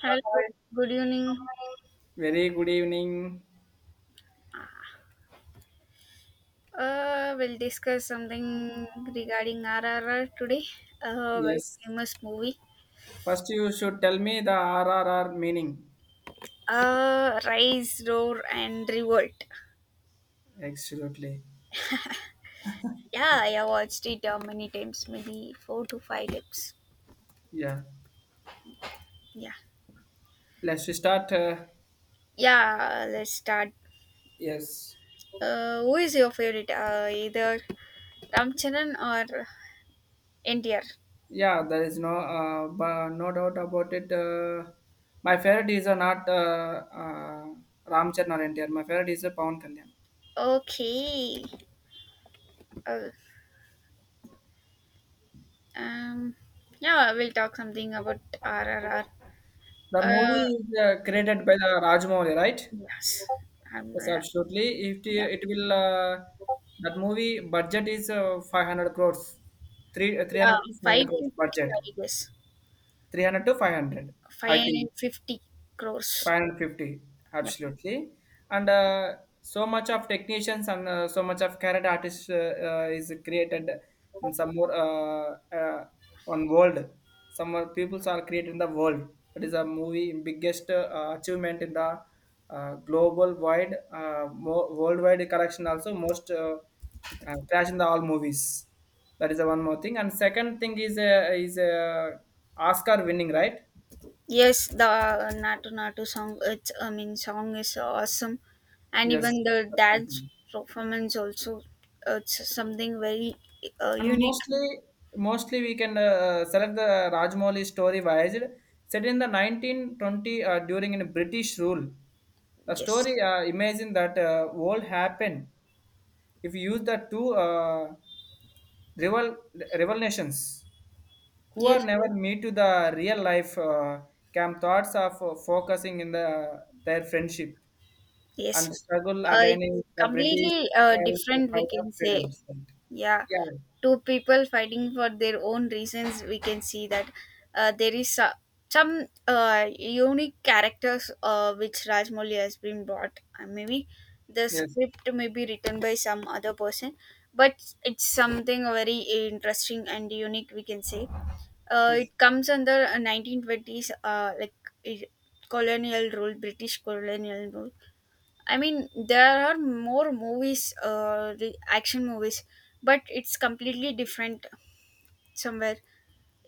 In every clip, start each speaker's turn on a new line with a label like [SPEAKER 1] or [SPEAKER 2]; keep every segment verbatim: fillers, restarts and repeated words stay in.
[SPEAKER 1] Hello,
[SPEAKER 2] Hi.
[SPEAKER 1] good evening.
[SPEAKER 2] Very good evening.
[SPEAKER 1] Uh, we'll discuss something regarding R R R today. Uh, well,
[SPEAKER 2] Yes.
[SPEAKER 1] famous movie.
[SPEAKER 2] First, you should tell me the R R R meaning.
[SPEAKER 1] Uh, Rise, Roar, and Revolt.
[SPEAKER 2] Absolutely.
[SPEAKER 1] Yeah, I have watched it uh, many times, maybe four to five times.
[SPEAKER 2] Yeah.
[SPEAKER 1] Yeah,
[SPEAKER 2] Let's start. Uh,
[SPEAKER 1] yeah. Let's start.
[SPEAKER 2] yes.
[SPEAKER 1] Uh, who is your favorite? Uh, either Ramcharan or N T R.
[SPEAKER 2] Yeah, there is no uh, but no doubt about it. Uh, my favorite is uh, not uh, uh, Ram Charan or N T R. My favorite is uh, Pawan Kalyan.
[SPEAKER 1] Okay. Uh, um. Yeah, we'll talk something about R R R.
[SPEAKER 2] The
[SPEAKER 1] Uh,
[SPEAKER 2] movie is uh, created by the Rajmouli, right?
[SPEAKER 1] yes. I'm
[SPEAKER 2] Yes,
[SPEAKER 1] Yeah.
[SPEAKER 2] absolutely. If
[SPEAKER 1] Yeah,
[SPEAKER 2] it, it will, uh, that movie budget is uh, five hundred crores, three, uh,
[SPEAKER 1] yeah,
[SPEAKER 2] three hundred to five hundred crores
[SPEAKER 1] five fifty,
[SPEAKER 2] budget,
[SPEAKER 1] I guess.
[SPEAKER 2] three hundred to five hundred, I think.
[SPEAKER 1] five fifty crores.
[SPEAKER 2] five hundred fifty,
[SPEAKER 1] Yeah.
[SPEAKER 2] absolutely. And uh, so much of technicians and uh, so much of carrot artists, uh, uh, is created in some more, uh, uh, on world, some more peoples are created in the world. That is a movie biggest uh, achievement in the uh, global wide, uh, mo- worldwide collection, also most uh, uh, crash in the all movies. That is the one more thing. And second thing is uh, is uh, oscar winning, right?
[SPEAKER 1] Yes, the Natu Natu song, it's, I mean, song is awesome. And
[SPEAKER 2] Yes.
[SPEAKER 1] even the dance performance also, it's something very uh,
[SPEAKER 2] And
[SPEAKER 1] unique.
[SPEAKER 2] mostly, mostly we can uh, select the Rajmoli story Vayajid, set in the nineteen twenty, uh, during in British rule. The
[SPEAKER 1] Yes,
[SPEAKER 2] story uh, imagine that uh, world happened if you use the two uh, rival rival nations who are
[SPEAKER 1] yes,
[SPEAKER 2] never meet to the real life, uh, camp thoughts of uh, focusing in the uh, their friendship and
[SPEAKER 1] yes.
[SPEAKER 2] struggle
[SPEAKER 1] Uh, it's
[SPEAKER 2] against the British
[SPEAKER 1] completely uh,
[SPEAKER 2] to
[SPEAKER 1] different, we
[SPEAKER 2] fight of
[SPEAKER 1] can say.
[SPEAKER 2] freedoms.
[SPEAKER 1] Yeah,
[SPEAKER 2] Yeah.
[SPEAKER 1] two people fighting for their own reasons, we can see that. Uh, there is uh, some uh, unique characters, uh, which Rajmoli has been brought, uh, maybe the
[SPEAKER 2] Yes.
[SPEAKER 1] script may be written by some other person, but it's something very interesting and unique, we can say. Uh,
[SPEAKER 2] Yes.
[SPEAKER 1] it comes under uh, nineteen twenties, uh, like it, colonial rule, British colonial rule. I mean, there are more movies, uh, re- action movies, but it's completely different somewhere.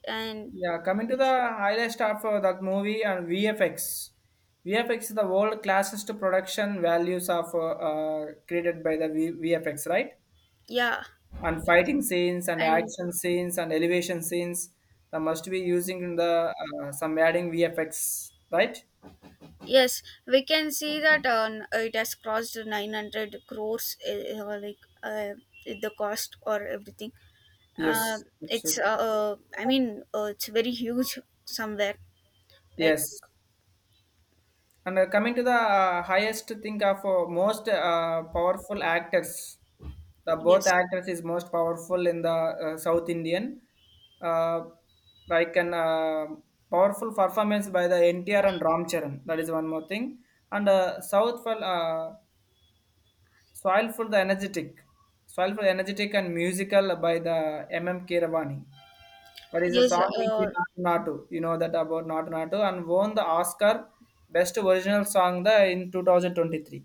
[SPEAKER 1] And
[SPEAKER 2] Yeah, coming to the
[SPEAKER 1] it's,
[SPEAKER 2] highlights of uh, that movie and V F X. V F X is the world classest production values of uh, uh, created by the v- VFX, right?
[SPEAKER 1] yeah,
[SPEAKER 2] And fighting scenes and
[SPEAKER 1] and
[SPEAKER 2] action scenes and elevation scenes that must be using in the uh, some adding V F X, right?
[SPEAKER 1] yes, we can see that uh, it has crossed nine hundred crores, uh, like uh, the cost or everything. Uh,
[SPEAKER 2] Yes,
[SPEAKER 1] it's, uh,
[SPEAKER 2] absolutely.
[SPEAKER 1] uh, I mean, uh, it's very huge somewhere. Like,
[SPEAKER 2] Yes. And uh, coming to the uh, highest thing of uh, most uh, powerful actors. The both
[SPEAKER 1] yes,
[SPEAKER 2] actors is most powerful in the uh, South Indian, uh, like an uh, powerful performance by the N T R and ram charan. That is one more thing. And uh, south for uh, soil for the energetic soil for energetic and musical by the mm Kiravani. That is a
[SPEAKER 1] yes,
[SPEAKER 2] song will be
[SPEAKER 1] uh,
[SPEAKER 2] Natu Natu. You know that about Natu Natu and won the Oscar best original song, the in two thousand twenty-three.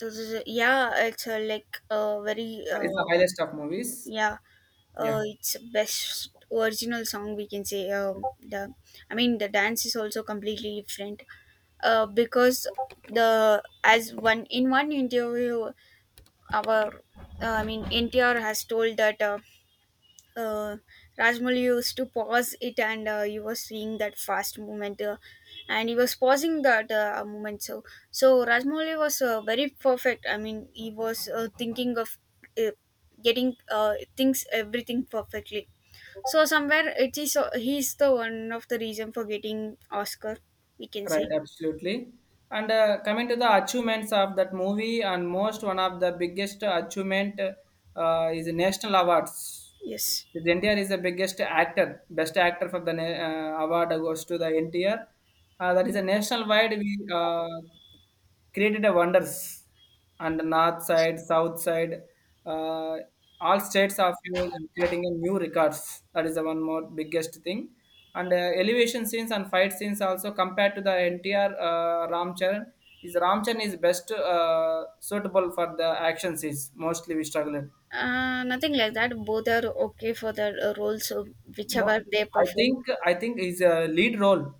[SPEAKER 1] this is, yeah, it's uh, like uh, very,
[SPEAKER 2] But it's the
[SPEAKER 1] uh,
[SPEAKER 2] highest of movies.
[SPEAKER 1] yeah, uh,
[SPEAKER 2] Yeah.
[SPEAKER 1] it's best original song, we can say. Um, the I mean, the dance is also completely different uh, because the as one in one interview our uh, I mean NTR has told that uh, uh, Rajmoli used to pause it, and uh, you were seeing that fast movement, uh, and he was pausing that uh, movement. So so Rajmouli was uh, very perfect. I mean he was uh, thinking of uh, getting uh, things everything perfectly. So somewhere it is he's the one of the reason for getting Oscar. We can
[SPEAKER 2] Right,
[SPEAKER 1] say
[SPEAKER 2] absolutely. And uh, coming to the achievements of that movie, and most one of the biggest achievement, uh, is national awards.
[SPEAKER 1] yes.
[SPEAKER 2] The N T R is the biggest actor, best actor for the na- uh, award goes to the N T R. Uh, that is a national wide we uh, created a wonders on the north side, south side, uh, all states of you creating a new records. That is the one more biggest thing. And uh, elevation scenes and fight scenes also compared to the N T R, uh, Ramcharan is Ramcharan is best uh, suitable for the action scenes. Mostly we struggled.
[SPEAKER 1] Uh, nothing like that. Both are okay for the uh, roles of
[SPEAKER 2] Mo-
[SPEAKER 1] whichever they
[SPEAKER 2] I
[SPEAKER 1] perform.
[SPEAKER 2] think I think is a lead role.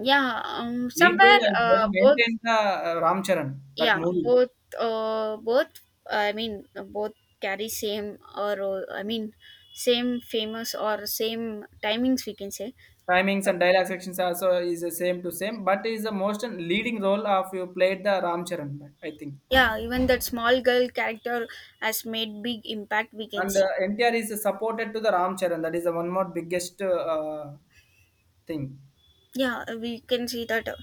[SPEAKER 1] Yeah, um,
[SPEAKER 2] Lead
[SPEAKER 1] somewhere
[SPEAKER 2] role I
[SPEAKER 1] uh, both.
[SPEAKER 2] maintained the uh, Ramcharan that
[SPEAKER 1] Yeah,
[SPEAKER 2] movie.
[SPEAKER 1] both. Uh, both. I mean, both carry same or role. I mean, same famous or same timings. We can say.
[SPEAKER 2] Timings and dialogue sections also is the same to same, but is the most leading role of you played the Ram Charan, I think.
[SPEAKER 1] Yeah, even that small girl character has made big impact. We can
[SPEAKER 2] And
[SPEAKER 1] see.
[SPEAKER 2] uh, N T R is supported to the Ram Charan. That is the one more biggest uh, thing.
[SPEAKER 1] Yeah, uh, we can see that uh,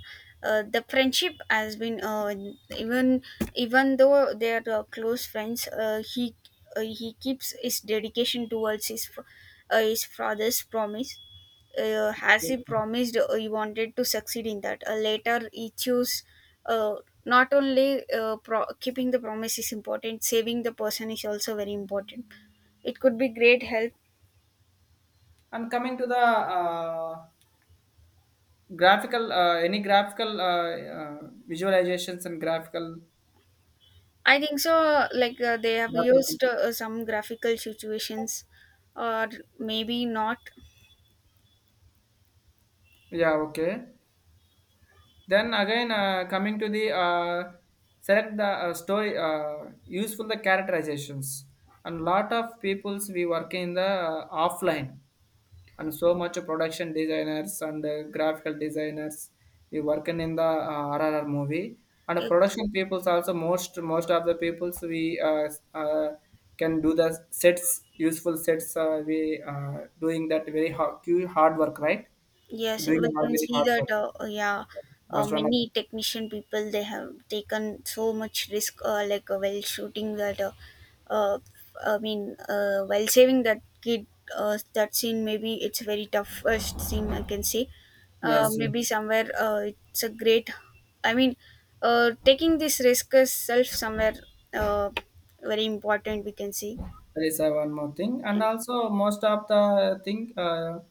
[SPEAKER 1] uh, the friendship has been uh, even even though they are uh, close friends, uh, he uh, he keeps his dedication towards his fa- uh, his father's promise, uh, as he promised, uh, he wanted to succeed in that. Uh, later he chose, uh, not only uh, pro- keeping the promise is important, saving the person is also very important. It could be great help.
[SPEAKER 2] And coming to the uh, graphical, uh, any graphical uh, uh, visualizations and graphical,
[SPEAKER 1] I think so. Like uh, they have
[SPEAKER 2] graphical. thing.
[SPEAKER 1] used uh, some graphical situations, or maybe not.
[SPEAKER 2] Yeah, okay. Then again, uh, coming to the uh, select the uh, story, uh, useful the characterizations. And lot of peoples we work in the uh, offline, and so much production designers and uh, graphical designers we working in the uh, R R R movie. And production peoples also most most of the peoples we uh, uh, can do the sets useful sets, uh, we uh, doing that very hard, hard work, right?
[SPEAKER 1] Yes,
[SPEAKER 2] Doing
[SPEAKER 1] we
[SPEAKER 2] hard,
[SPEAKER 1] can
[SPEAKER 2] very
[SPEAKER 1] see
[SPEAKER 2] hard work,
[SPEAKER 1] that. Uh, uh, yeah, uh,
[SPEAKER 2] must run a.
[SPEAKER 1] many technician people they have taken so much risk, uh, like uh, while shooting that. Uh, uh, I mean, uh, while saving that kid, uh, that scene maybe it's very tough first scene, I can say. Uh,
[SPEAKER 2] Yes, yes.
[SPEAKER 1] maybe somewhere uh, it's a great. I mean, uh, taking this risk is self somewhere, uh, very important. We can see.
[SPEAKER 2] There is uh, one more thing, and also most of the thing, uh,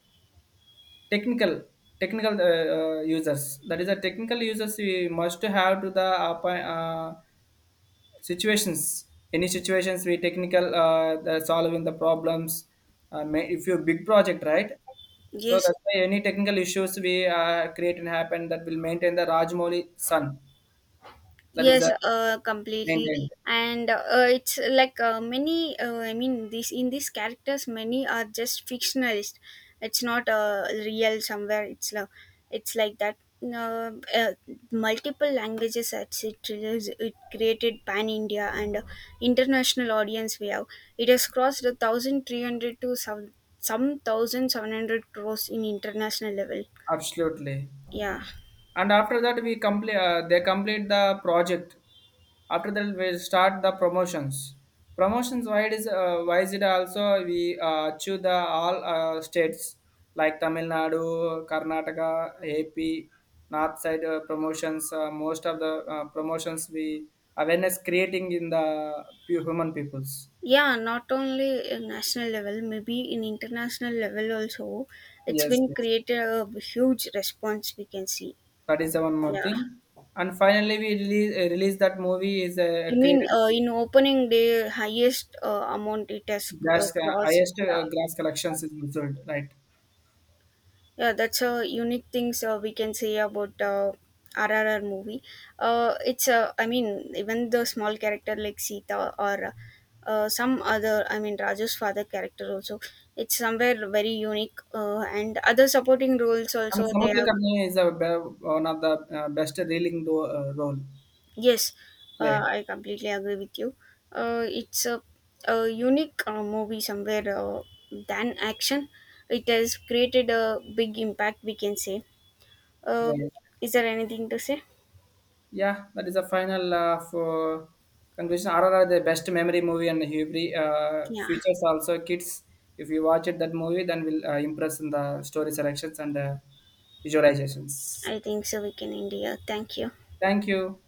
[SPEAKER 2] technical technical uh, uh, users. That is a technical users we must have to the appo- uh, situations. Any situations we technical, uh, the solving the problems. Uh, may- if you big project, right? So
[SPEAKER 1] Yes,
[SPEAKER 2] that's why any technical issues we uh, create and happen, that will maintain the Rajmoli sun. That is a
[SPEAKER 1] yes, uh, completely.
[SPEAKER 2] maintained,
[SPEAKER 1] And uh, it's like uh, many, uh, I mean, this in these characters, many are just fictionalist. It's not uh, real somewhere. It's love. It's like that. Uh, uh, Multiple languages at it, released- it created pan India and uh, international audience. We have it has crossed a thousand three hundred to some some thousand seven hundred crores in international level.
[SPEAKER 2] absolutely.
[SPEAKER 1] Yeah.
[SPEAKER 2] And after that we complete uh, they complete the project. After that we start the promotions, promotions wide is uh, wise, it also we uh, choose the all uh, states like Tamil Nadu, Karnataka, A P, north side uh, promotions. Uh, most of the uh, promotions we awareness creating in the pu- human peoples.
[SPEAKER 1] Yeah, not only in national level, maybe in international level also, it's
[SPEAKER 2] Yes,
[SPEAKER 1] been
[SPEAKER 2] yes.
[SPEAKER 1] created a huge response, we can see.
[SPEAKER 2] That is the one more
[SPEAKER 1] Yeah,
[SPEAKER 2] thing. And finally we release, uh, release that movie is uh,
[SPEAKER 1] you mean
[SPEAKER 2] created.
[SPEAKER 1] uh, in opening day highest uh, amount it has uh,
[SPEAKER 2] That's the
[SPEAKER 1] crossed.
[SPEAKER 2] highest uh,
[SPEAKER 1] Yeah.
[SPEAKER 2] glass collections is result, right?
[SPEAKER 1] Yeah, that's a unique things, uh, we can say about uh, R R R movie. Uh, it's uh, I mean, even the small character like Sita or uh, some other, I mean, Raju's father character also. It's somewhere very unique, uh, and other supporting roles
[SPEAKER 2] And
[SPEAKER 1] also they
[SPEAKER 2] Samudra
[SPEAKER 1] have.
[SPEAKER 2] Karni is a be- one of the uh, best reeling do- uh, role
[SPEAKER 1] Yes, uh,
[SPEAKER 2] played,
[SPEAKER 1] I completely agree with you. Uh, it's a, a unique uh, movie somewhere, uh, than action. It has created a big impact, we can say. Uh,
[SPEAKER 2] right?
[SPEAKER 1] is there anything to say?
[SPEAKER 2] Yeah, that is the final uh, for conclusion. R R R the best memory movie and every uh,
[SPEAKER 1] Yeah,
[SPEAKER 2] features also kids. If you watch it that movie, then will uh, impress in the story selections and uh, visualizations.
[SPEAKER 1] I think so. We can end here. Thank you.
[SPEAKER 2] Thank you.